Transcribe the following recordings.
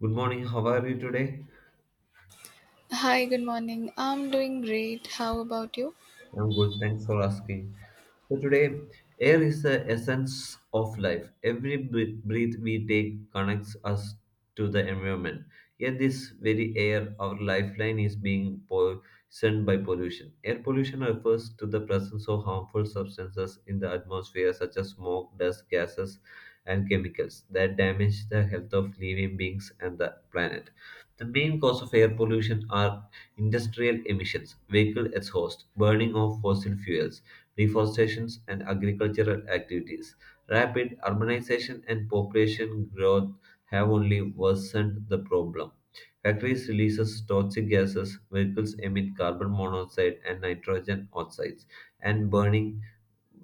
Good morning. How are you today? Hi, good morning. I'm doing great. How about you? I'm good. Thanks for asking. So today, air is the essence of life. Every breath we take connects us to the environment. Yet this very air, our lifeline, is being poisoned by pollution. Air pollution refers to the presence of harmful substances in the atmosphere, such as smoke, dust, gases, and chemicals that damage the health of living beings and the planet. The main cause of air pollution are industrial emissions, vehicle exhaust, burning of fossil fuels, deforestation, and agricultural activities. Rapid urbanization and population growth have only worsened the problem. Factories releases toxic gases, vehicles emit carbon monoxide and nitrogen oxides, and burning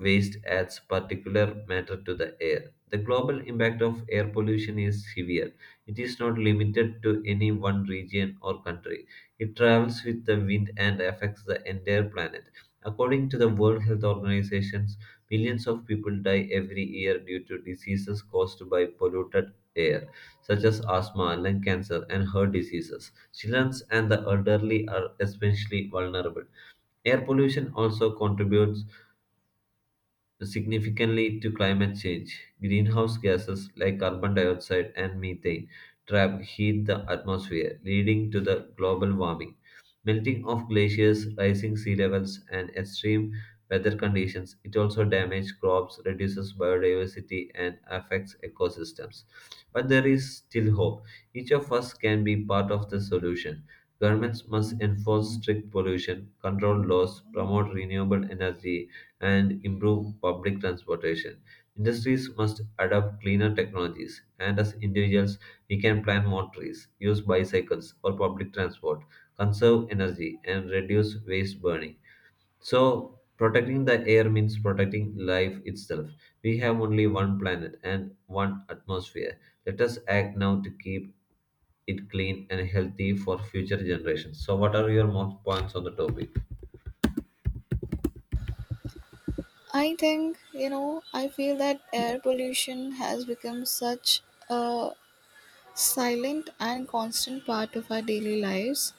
waste adds particulate matter to the air. The global impact of air pollution is severe. It is not limited to any one region or country. It travels with the wind and affects the entire planet. According to the World Health Organization, millions of people die every year due to diseases caused by polluted air, such as asthma, lung cancer, and heart diseases. Children and the elderly are especially vulnerable. Air pollution also contributes significantly to climate change. Greenhouse gases like carbon dioxide and methane trap heat the atmosphere, leading to the global warming. Melting of glaciers, rising sea levels, and extreme weather conditions. It also damages crops, reduces biodiversity, and affects ecosystems. But there is still hope. Each of us can be part of the solution. Governments must enforce strict pollution control laws, promote renewable energy, and improve public transportation. Industries must adopt cleaner technologies, and as individuals, we can plant more trees, use bicycles or public transport, conserve energy, and reduce waste burning. So, protecting the air means protecting life itself. We have only one planet and one atmosphere. Let us act now to keep it clean and healthy for future generations. So, what are your more points on the topic? I think, I feel that air pollution has become such a silent and constant part of our daily lives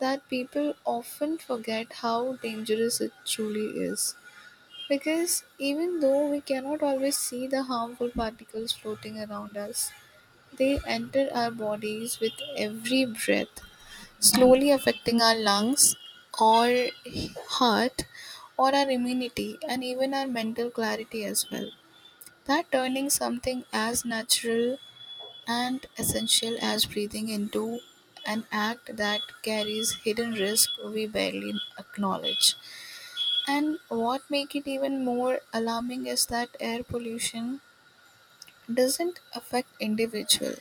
that people often forget how dangerous it truly is. Because even though we cannot always see the harmful particles floating around us, they enter our bodies with every breath, slowly affecting our lungs or heart or our immunity and even our mental clarity as well. That turning something as natural and essential as breathing into an act that carries hidden risk we barely acknowledge. And what make it even more alarming is that air pollution doesn't affect individual,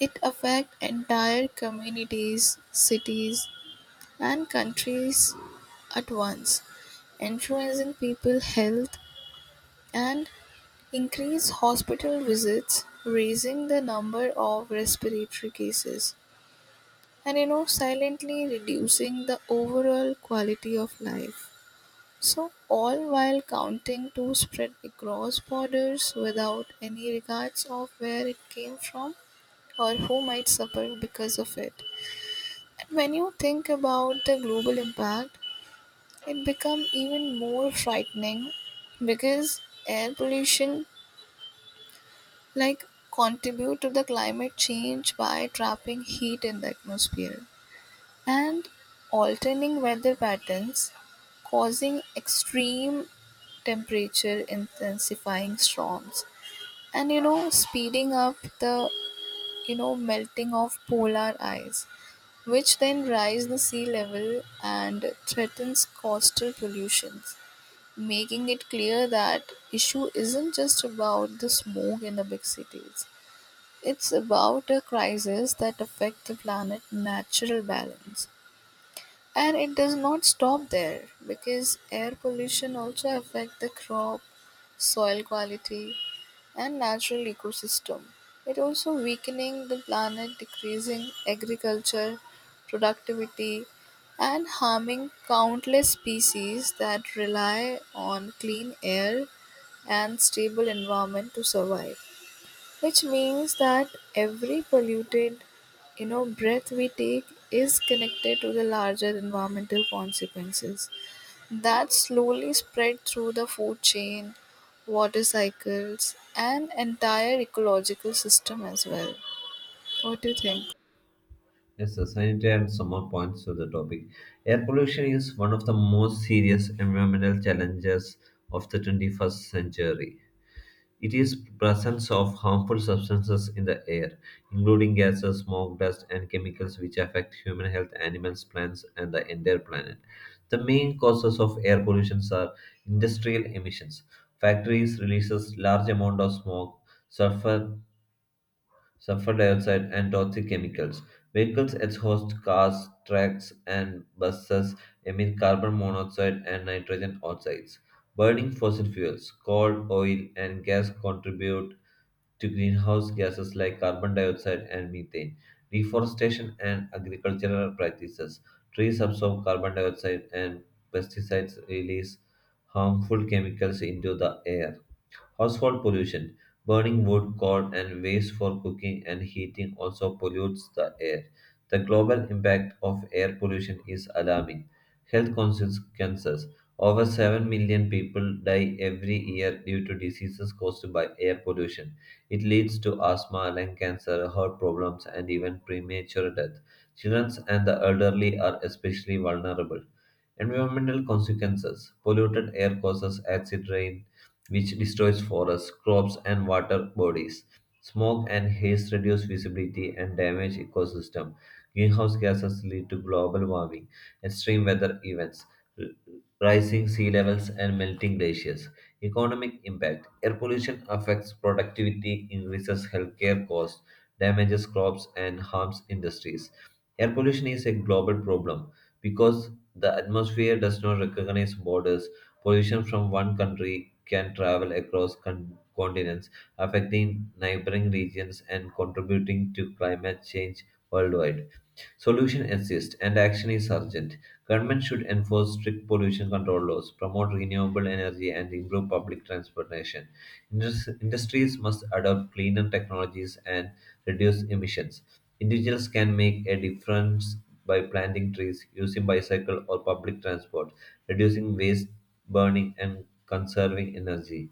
it affects entire communities, cities, and countries at once, influencing people's health and increase hospital visits, raising the number of respiratory cases, and silently reducing the overall quality of life. So all while counting to spread across borders without any regards of where it came from or who might suffer because of it. When you think about the global impact, it becomes even more frightening because air pollution like contribute to the climate change by trapping heat in the atmosphere and alterning weather patterns, causing extreme temperature, intensifying storms, and speeding up the melting of polar ice, which then rise the sea level and threatens coastal pollutions, making it clear that issue isn't just about the smoke in the big cities. It's about a crisis that affect the planet natural balance. And it does not stop there because air pollution also affect the crop, soil quality, and natural ecosystem. It also weakening the planet, decreasing agriculture, productivity, and harming countless species that rely on clean air and stable environment to survive, which means that every polluted breath we take is connected to the larger environmental consequences that slowly spread through the food chain, water cycles, and entire ecological system as well. What do you think? Yes, sir, sanitary and some more points to the topic. Air pollution is one of the most serious environmental challenges of the 21st century. It is presence of harmful substances in the air, including gases, smoke, dust, and chemicals which affect human health, animals, plants, and the entire planet. The main causes of air pollution are industrial emissions. Factories releases large amount of smoke, sulfur sulfur dioxide, and toxic chemicals. Vehicles exhaust cars, trucks, and buses emit carbon monoxide and nitrogen oxides. Burning fossil fuels, coal, oil, and gas contribute to greenhouse gases like carbon dioxide and methane. Deforestation and agricultural practices. Trees absorb carbon dioxide and pesticides release harmful chemicals into the air. Household pollution. Burning wood, coal, and waste for cooking and heating also pollutes the air. The global impact of air pollution is alarming. Health consequences. Over 7 million people die every year due to diseases caused by air pollution. It leads to asthma, lung cancer, heart problems, and even premature death. Children and the elderly are especially vulnerable. Environmental consequences polluted air causes acid rain, which destroys forests, crops, and water bodies. Smoke and haze reduce visibility and damage ecosystem. Greenhouse gases lead to global warming, extreme weather events, r- rising sea levels, and melting glaciers. Economic impact: Air pollution affects productivity, increases healthcare costs, damages crops, and harms industries. Air pollution is a global problem because the atmosphere does not recognize borders. Pollution from one country can travel across continents, affecting neighboring regions and contributing to climate change worldwide. Solution exists and action is urgent. Government should enforce strict pollution control laws, promote renewable energy, and improve public transportation. Industries must adopt cleaner technologies and reduce emissions. Individuals can make a difference by planting trees, using bicycle or public transport, reducing waste burning, and conserving energy.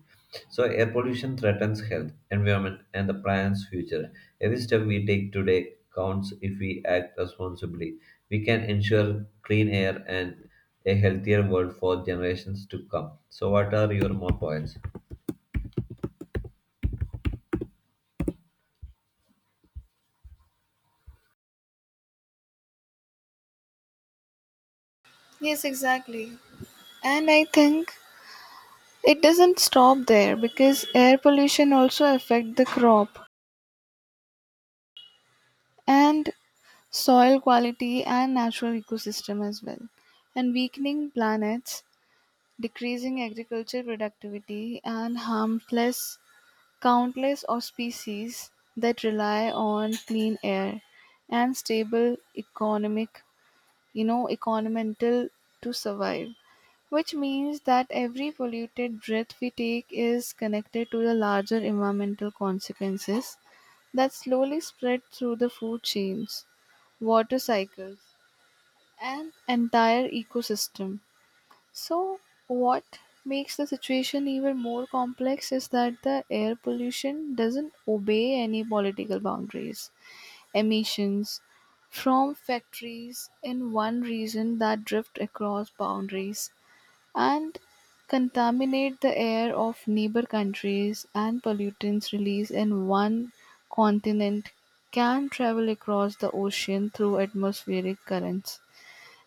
So, air pollution threatens health, environment, and the planet's future. Every step we take today counts if we act responsibly. We can ensure clean air and a healthier world for generations to come. So, what are your more points? Yes, exactly. And I think it doesn't stop there because air pollution also affect the crop and soil quality and natural ecosystem as well. And weakening planets, decreasing agriculture productivity, and harmless countless of species that rely on clean air and stable economic, you know, environmental to survive. Which means that every polluted breath we take is connected to the larger environmental consequences that slowly spread through the food chains, water cycles, an entire ecosystem. So, what makes the situation even more complex is that the air pollution doesn't obey any political boundaries. Emissions from factories in one region that drift across boundaries and contaminate the air of neighbor countries, and pollutants released in one continent can travel across the ocean through atmospheric currents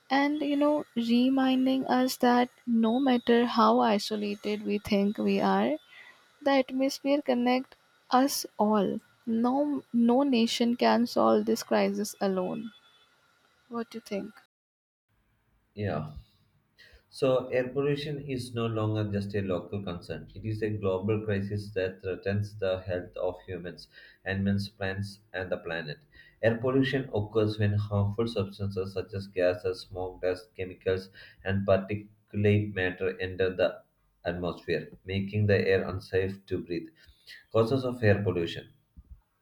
and reminding us that no matter how isolated we think we are, the atmosphere connect us all. No nation can solve this crisis alone. What do you think? Yeah. So, air pollution is no longer just a local concern. It is a global crisis that threatens the health of humans, animals, plants, and the planet. Air pollution occurs when harmful substances such as gases, smoke, dust, chemicals, and particulate matter enter the atmosphere, making the air unsafe to breathe. Causes of air pollution.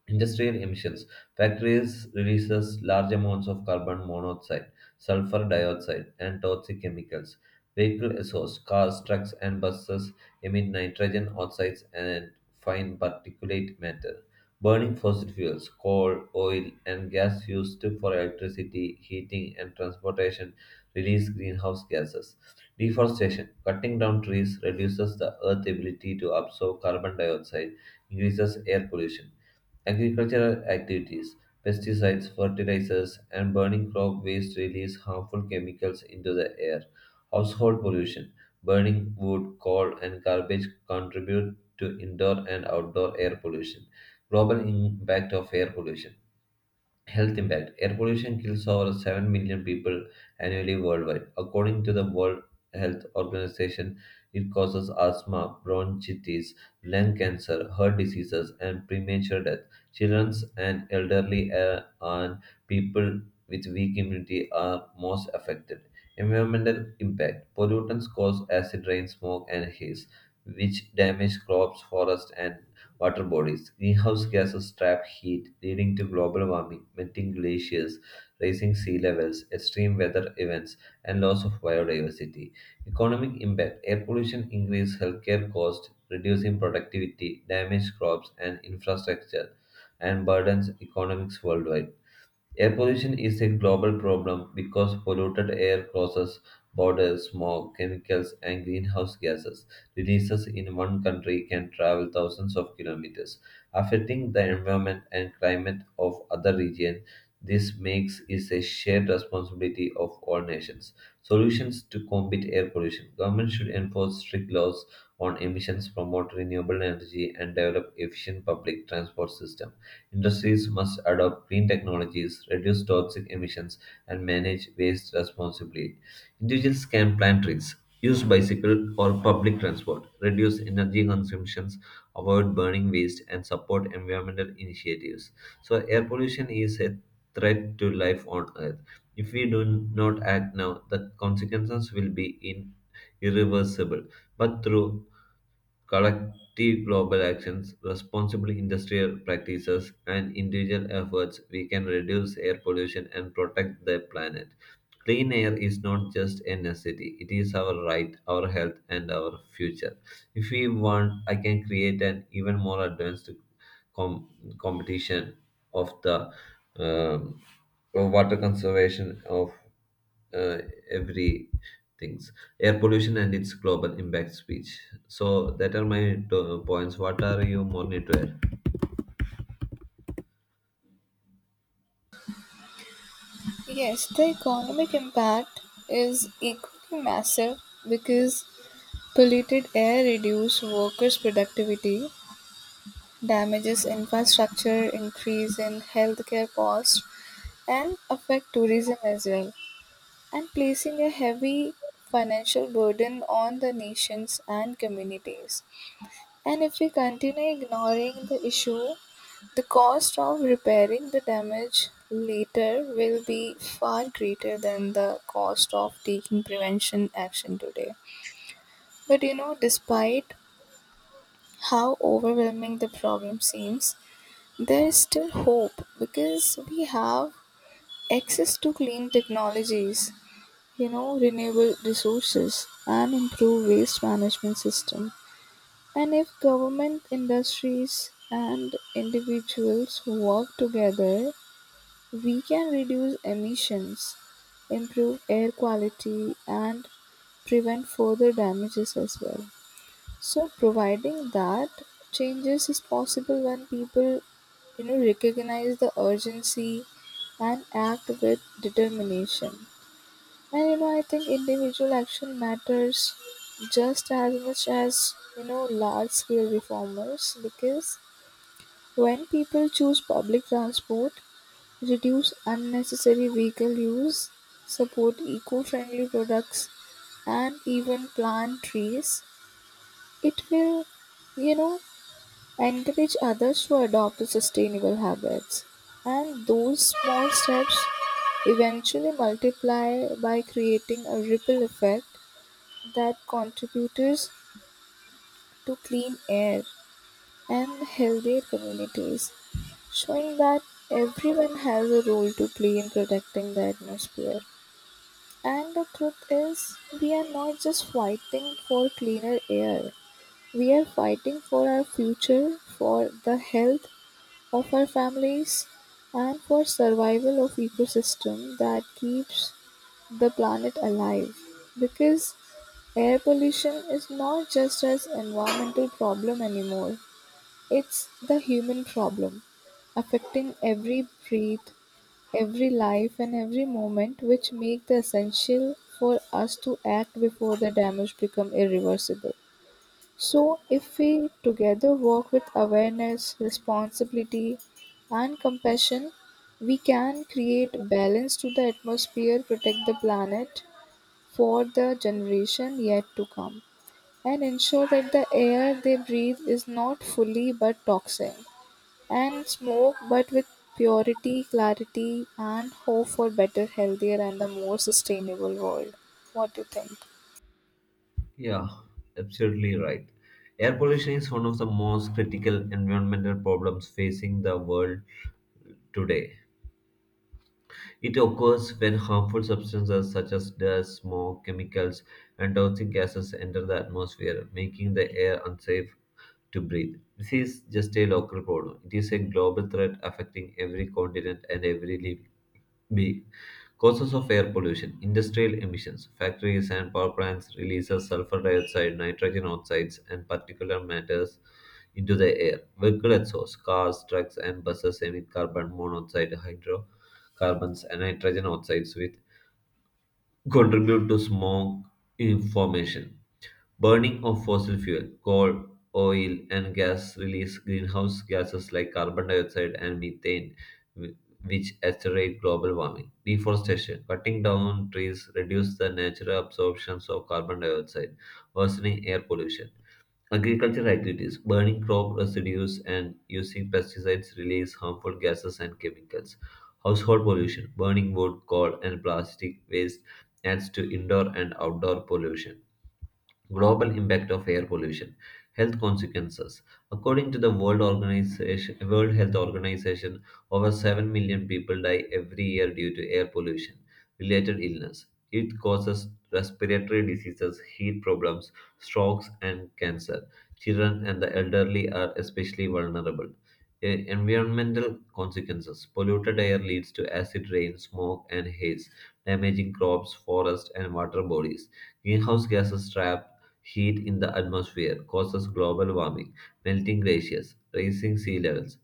Industrial emissions. Factories releases large amounts of carbon monoxide, sulfur dioxide, and toxic chemicals. Vehicle exhaust, cars, trucks, and buses emit nitrogen oxides and fine particulate matter. Burning fossil fuels, coal, oil, and gas used for electricity, heating, and transportation release greenhouse gases. Deforestation. Cutting down trees reduces the earth's ability to absorb carbon dioxide, increases air pollution. Agricultural activities, pesticides, fertilizers, and burning crop waste release harmful chemicals into the air. Household pollution, burning wood, coal, and garbage contribute to indoor and outdoor air pollution. Global impact of air pollution. Health impact. Air pollution kills over 7 million people annually worldwide. According to the World Health Organization, it causes asthma, bronchitis, lung cancer, heart diseases, and premature death. Children and elderly and people with weak immunity are most affected. Environmental impact. Pollutants cause acid rain, smoke, and haze, which damage crops, forests, and water bodies. Greenhouse gases trap heat, leading to global warming, melting glaciers, rising sea levels, extreme weather events, and loss of biodiversity. Economic impact air pollution increases healthcare costs, reducing productivity, damage crops and infrastructure, and burdens economics worldwide. Air pollution is a global problem because polluted air crosses borders, smoke, chemicals, and greenhouse gases. Releases in one country can travel thousands of kilometers, affecting the environment and climate of other regions. This makes it a shared responsibility of all nations. Solutions to combat air pollution. Government should enforce strict laws on emissions, promote renewable energy, and develop efficient public transport system. Industries must adopt green technologies, reduce toxic emissions, and manage waste responsibly. Individuals can plant trees, use bicycle or public transport, reduce energy consumptions, avoid burning waste, and support environmental initiatives. So, air pollution is a threat to life on Earth. If we do not act now, the consequences will be in irreversible. But through collective global actions, responsible industrial practices, and individual efforts, we can reduce air pollution and protect the planet. Clean air is not just a necessity, it is our right, our health, and our future. If we want, I can create an even more advanced com- competition of the um, water conservation of uh, every things air pollution and its global impact speech so that are my points what are you more need to add Yes, the economic impact is equally massive because polluted air reduces workers' productivity, damages infrastructure, increase in healthcare costs, and affect tourism as well, and placing a heavy financial burden on the nations and communities. And if we continue ignoring the issue, the cost of repairing the damage later will be far greater than the cost of taking prevention action today. But you know, despite how overwhelming the problem seems, there is still hope because we have access to clean technologies, you know, renewable resources and improve waste management system. And if government, industries, and individuals work together, we can reduce emissions, improve air quality, and prevent further damages as well. So, providing that changes is possible when people, you know, recognize the urgency and act with determination. And you know, I think individual action matters just as much as large scale reformers because when people choose public transport, reduce unnecessary vehicle use, support eco friendly products, and even plant trees, it will, you know, encourage others to adopt the sustainable habits. And those small steps eventually multiply by creating a ripple effect that contributes to clean air and healthier communities, showing that everyone has a role to play in protecting the atmosphere. And the truth is, we are not just fighting for cleaner air, we are fighting for our future, for the health of our families, and for survival of ecosystem that keeps the planet alive, because air pollution is not just an environmental problem anymore, it's the human problem, affecting every breath, every life and every moment, which make the essential for us to act before the damage become irreversible. So if we together work with awareness, responsibility and compassion, we can create balance to the atmosphere, protect the planet for the generation yet to come, and ensure that the air they breathe is not fully but toxic, and smoke but with purity, clarity, and hope for better, healthier, and a more sustainable world. What do you think? yeah absolutely right air pollution is one of the most critical environmental problems facing the world today. It occurs when harmful substances such as dust, smoke, chemicals, and toxic gases enter the atmosphere, making the air unsafe to breathe. This is just a local problem. It is a global threat affecting every continent and every living being. Causes of air pollution, industrial emissions, factories and power plants releases sulfur dioxide, nitrogen oxides, and particulate matters into the air. Vehicle exhaust, cars, trucks, and buses emit carbon monoxide, hydrocarbons, and nitrogen oxides, which contribute to smog in formation. Burning of fossil fuel, coal, oil, and gas release greenhouse gases like carbon dioxide and methane, wh- which accelerate global warming. Deforestation, cutting down trees, reduce the natural absorptions of carbon dioxide, worsening air pollution. Agricultural activities, burning crop residues and using pesticides release harmful gases and chemicals. Household pollution, burning wood, coal, and plastic waste adds to indoor and outdoor pollution. Global impact of air pollution, health consequences. According to the World Organization, World Health Organization, over 7 million people die every year due to air pollution related illness. It causes respiratory diseases, heat problems, strokes, and cancer. Children and the elderly are especially vulnerable. Environmental consequences. Polluted air leads to acid rain, smoke, and haze, damaging crops, forests, and water bodies. Greenhouse gases trap heat in the atmosphere causes global warming, melting glaciers, rising sea levels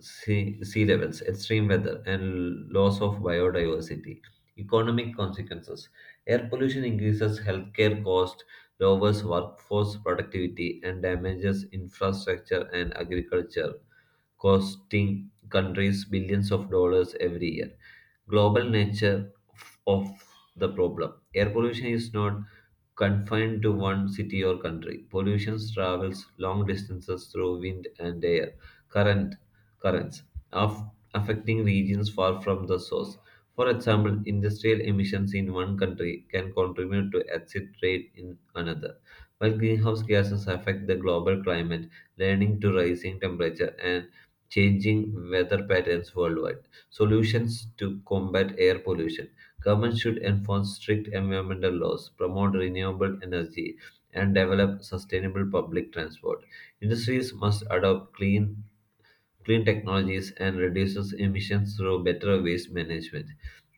sea, sea levels, extreme weather, and loss of biodiversity. Economic consequences air pollution increases healthcare costs, lowers workforce productivity, and damages infrastructure and agriculture, costing countries billions of dollars every year. Global nature of the problem air pollution is not confined to one city or country. Pollution travels long distances through wind and air current currents of affecting regions far from the source. For example, industrial emissions in one country can contribute to exit rate in another. While greenhouse gases affect the global climate, leading to rising temperature and changing weather patterns worldwide. Solutions to combat air pollution. Governments should enforce strict environmental laws, promote renewable energy, and develop sustainable public transport. Industries must adopt clean technologies and reduces emissions through better waste management.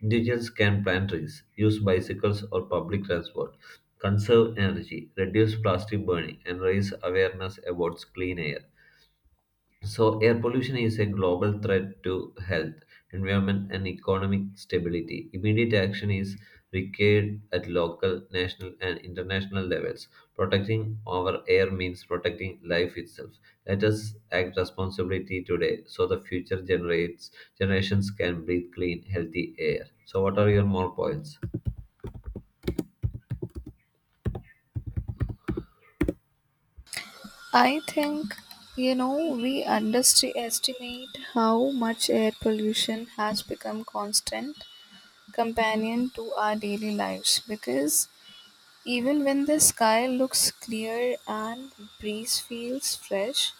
Individuals can plant trees, use bicycles or public transport, conserve energy, reduce plastic burning, and raise awareness about clean air. So, air pollution is a global threat to health, environment, and economic stability. Immediate action is required at local, national, and international levels. Protecting our air means protecting life itself. Let us act responsibly today so the generations can breathe clean, healthy air. So, what are your more points? I think, we underestimate how much air pollution has become constant companion to our daily lives because even when the sky looks clear and breeze feels fresh,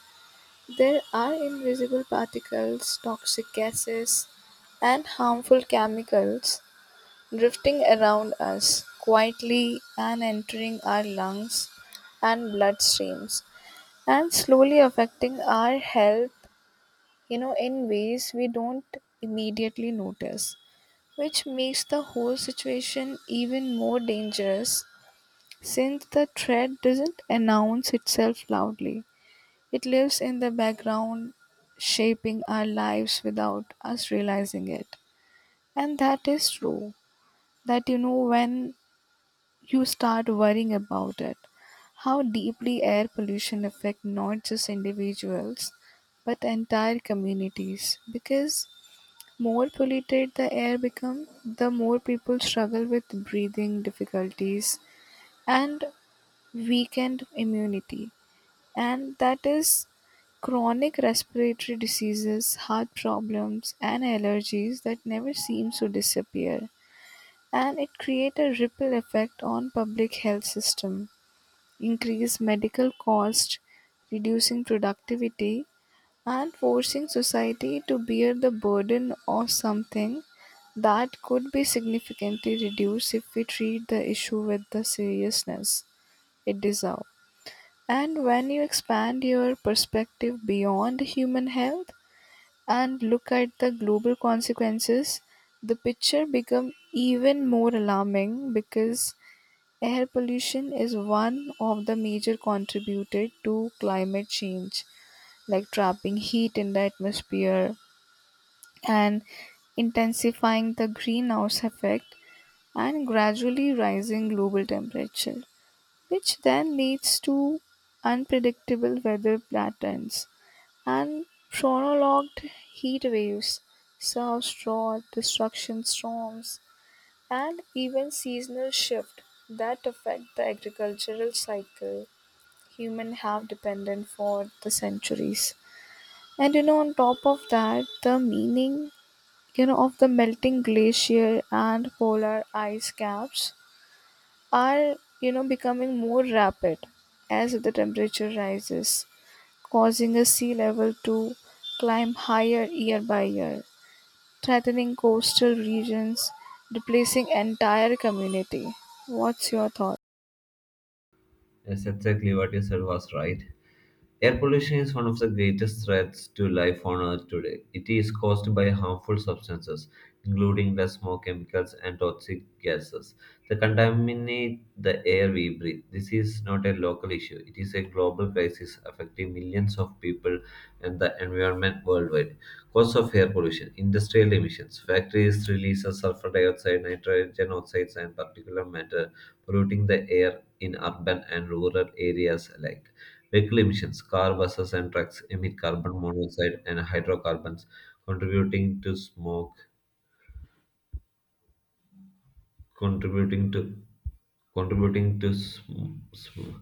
there are invisible particles, toxic gases, and harmful chemicals drifting around us quietly and entering our lungs and bloodstreams and slowly affecting our health, you know, in ways we don't immediately notice, which makes the whole situation even more dangerous since the threat doesn't announce itself loudly. It lives in the background, shaping our lives without us realizing it. And that is true, that when you start worrying about it, how deeply air pollution affects not just individuals but entire communities. Because more polluted the air becomes, the more people struggle with breathing difficulties and weakened immunity, and that is chronic respiratory diseases, heart problems, and allergies that never seems to disappear. And it create a ripple effect on public health system, increase medical cost, reducing productivity, and forcing society to bear the burden of something that could be significantly reduced if we treat the issue with the seriousness it deserves. And when you expand your perspective beyond human health and look at the global consequences, the picture becomes even more alarming because air pollution is one of the major contributor to climate change, like trapping heat in the atmosphere and intensifying the greenhouse effect and gradually rising global temperature, which then leads to unpredictable weather patterns and prolonged heat waves, surf drought, destruction storms, and even seasonal shift that affect the agricultural cycle human have dependent for the centuries. And you know, on top of that, the meaning of the melting glacier and polar ice caps are becoming more rapid as the temperature rises, causing a sea level to climb higher year by year, threatening coastal regions, replacing entire community. What's your thought? Yes, exactly what you said was right. Air pollution is one of the greatest threats to life on Earth today. It is caused by harmful substances, including the smoke chemicals and toxic gases, that contaminate the air we breathe. This is not a local issue, it is a global crisis affecting millions of people and the environment worldwide. Cause of air pollution industrial emissions, factories release sulfur dioxide, nitrogen oxides, and particulate matter polluting the air in urban and rural areas alike. Vehicle emissions, car, buses, and trucks emit carbon monoxide and hydrocarbons, contributing to smoke, contributing to contributing to sm- smoke.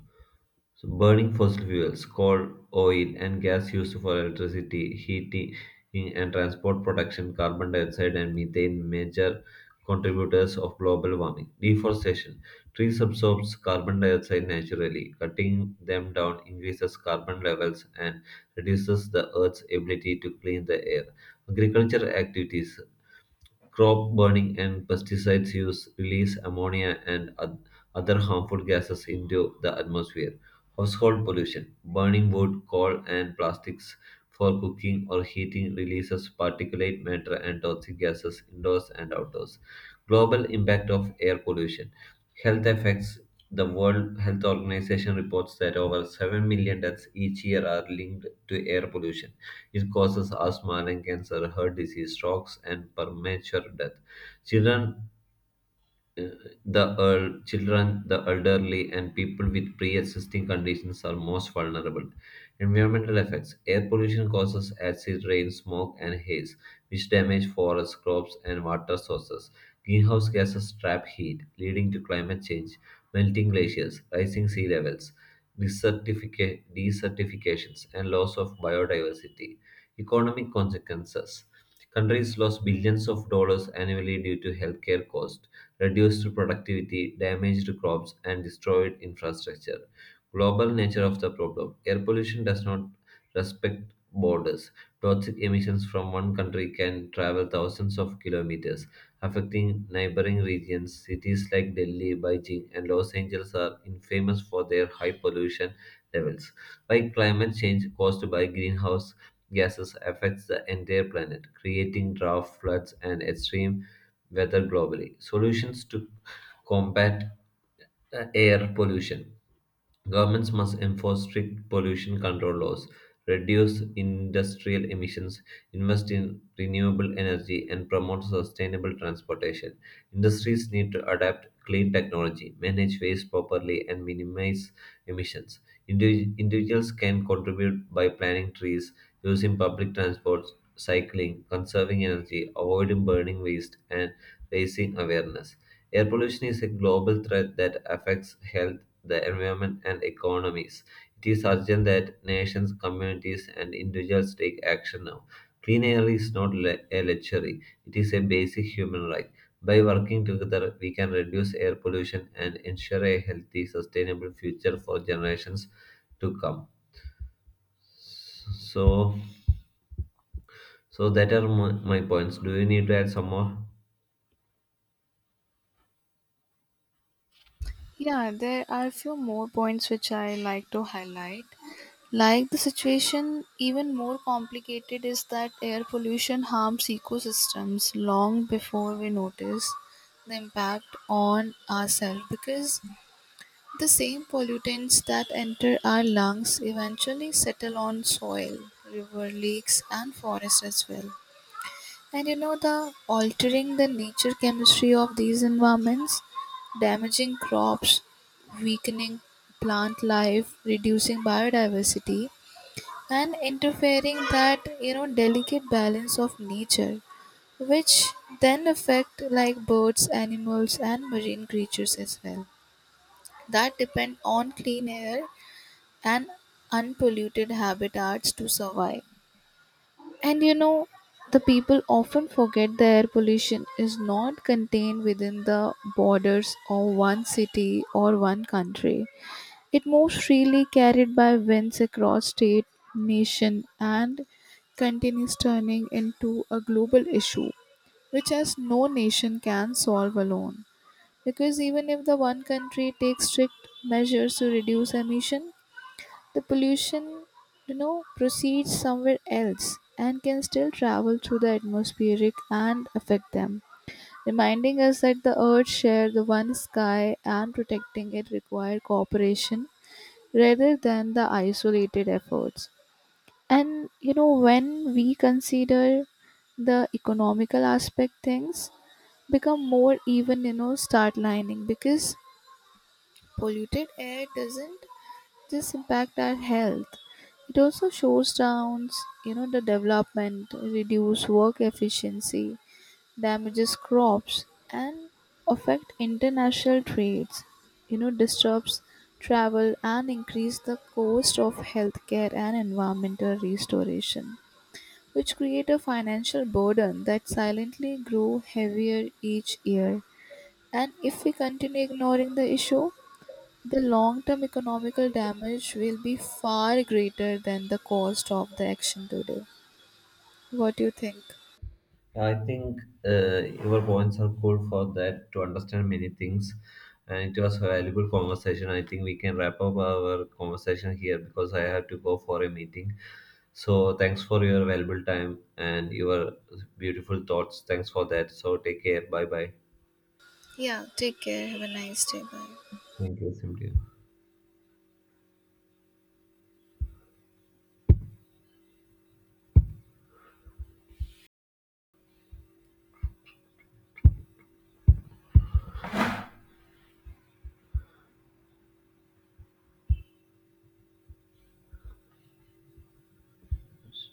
So burning fossil fuels, coal, oil, and gas used for electricity, heating, and transport production, carbon dioxide and methane, major contributors of global warming. Deforestation. Trees absorb carbon dioxide naturally. Cutting them down increases carbon levels and reduces the earth's ability to clean the air. Agriculture activities. Crop burning and pesticides use release ammonia and other harmful gases into the atmosphere. Household pollution. Burning wood, coal, and plastics for cooking or heating releases particulate matter and toxic gases indoors and outdoors. Global impact of air pollution. Health effects. The World Health Organization reports that over 7 million deaths each year are linked to air pollution. It causes asthma, lung cancer, heart disease, strokes, and premature death. Children Children, the elderly, and people with pre existing conditions are most vulnerable. Environmental effects. Air pollution causes acid rain, smoke, and haze, which damage forests, crops, and water sources. Greenhouse gases trap heat, leading to climate change, melting glaciers, rising sea levels, desertifications, and loss of biodiversity. Economic consequences. Countries lose billions of dollars annually due to healthcare costs, reduced productivity, damaged crops, and destroyed infrastructure. Global nature of the problem. Air pollution does not respect borders. Toxic emissions from one country can travel thousands of kilometers, affecting neighboring regions. Cities like Delhi, Beijing, and Los Angeles are infamous for their high pollution levels. Like climate change caused by greenhouse gases affects the entire planet, creating drought, floods, and extreme weather globally. Solutions to combat air pollution. Governments must enforce strict pollution control laws, reduce industrial emissions, invest in renewable energy, and promote sustainable transportation. Industries need to adapt clean technology, manage waste properly, and minimize emissions. Individuals can contribute by planting trees, using public transport, cycling, conserving energy, avoiding burning waste, and raising awareness. Air pollution is a global threat that affects health, the environment, and economies. It is urgent that nations, communities, and individuals take action now. Clean air is not a luxury, it is a basic human right. By working together, we can reduce air pollution and ensure a healthy, sustainable future for generations to come. So, so that are my points. Do you need to add some more? Yeah, there are a few more points which I like to highlight. Like the situation, even more complicated is that air pollution harms ecosystems long before we notice the impact on ourselves, because the same pollutants that enter our lungs eventually settle on soil, river, lakes, and forests as well. And the altering the nature chemistry of these environments, damaging crops, weakening plant life, reducing biodiversity, and interfering that delicate balance of nature, which then affect like birds, animals, and marine creatures as well that depend on clean air and unpolluted habitats to survive. And you know, the people often forget the air pollution is not contained within the borders of one city or one country. It moves freely, carried by winds across state, nation, and continues turning into a global issue, which as no nation can solve alone. Because even if the one country takes strict measures to reduce emission, the pollution proceeds somewhere else and can still travel through the atmospheric and affect them, reminding us that the earth shares the one sky and protecting it require cooperation rather than the isolated efforts. And when we consider the economical aspect, things become more even start lining because polluted air doesn't this impact our health, it also shows downs the development, reduce work efficiency, damages crops, and affect international trades, disturbs travel and increase the cost of healthcare and environmental restoration, which create a financial burden that silently grow heavier each year. And if we continue ignoring the issue, the long-term economical damage will be far greater than the cost of the action today. What do you think? I think your points are cool for that to understand many things, and it was a valuable conversation. I think we can wrap up our conversation here because I have to go for a meeting. So thanks for your valuable time and your beautiful thoughts. Thanks for that. So take care. Bye bye. Yeah, take care. Have a nice day. Bye. Thank you, Simran.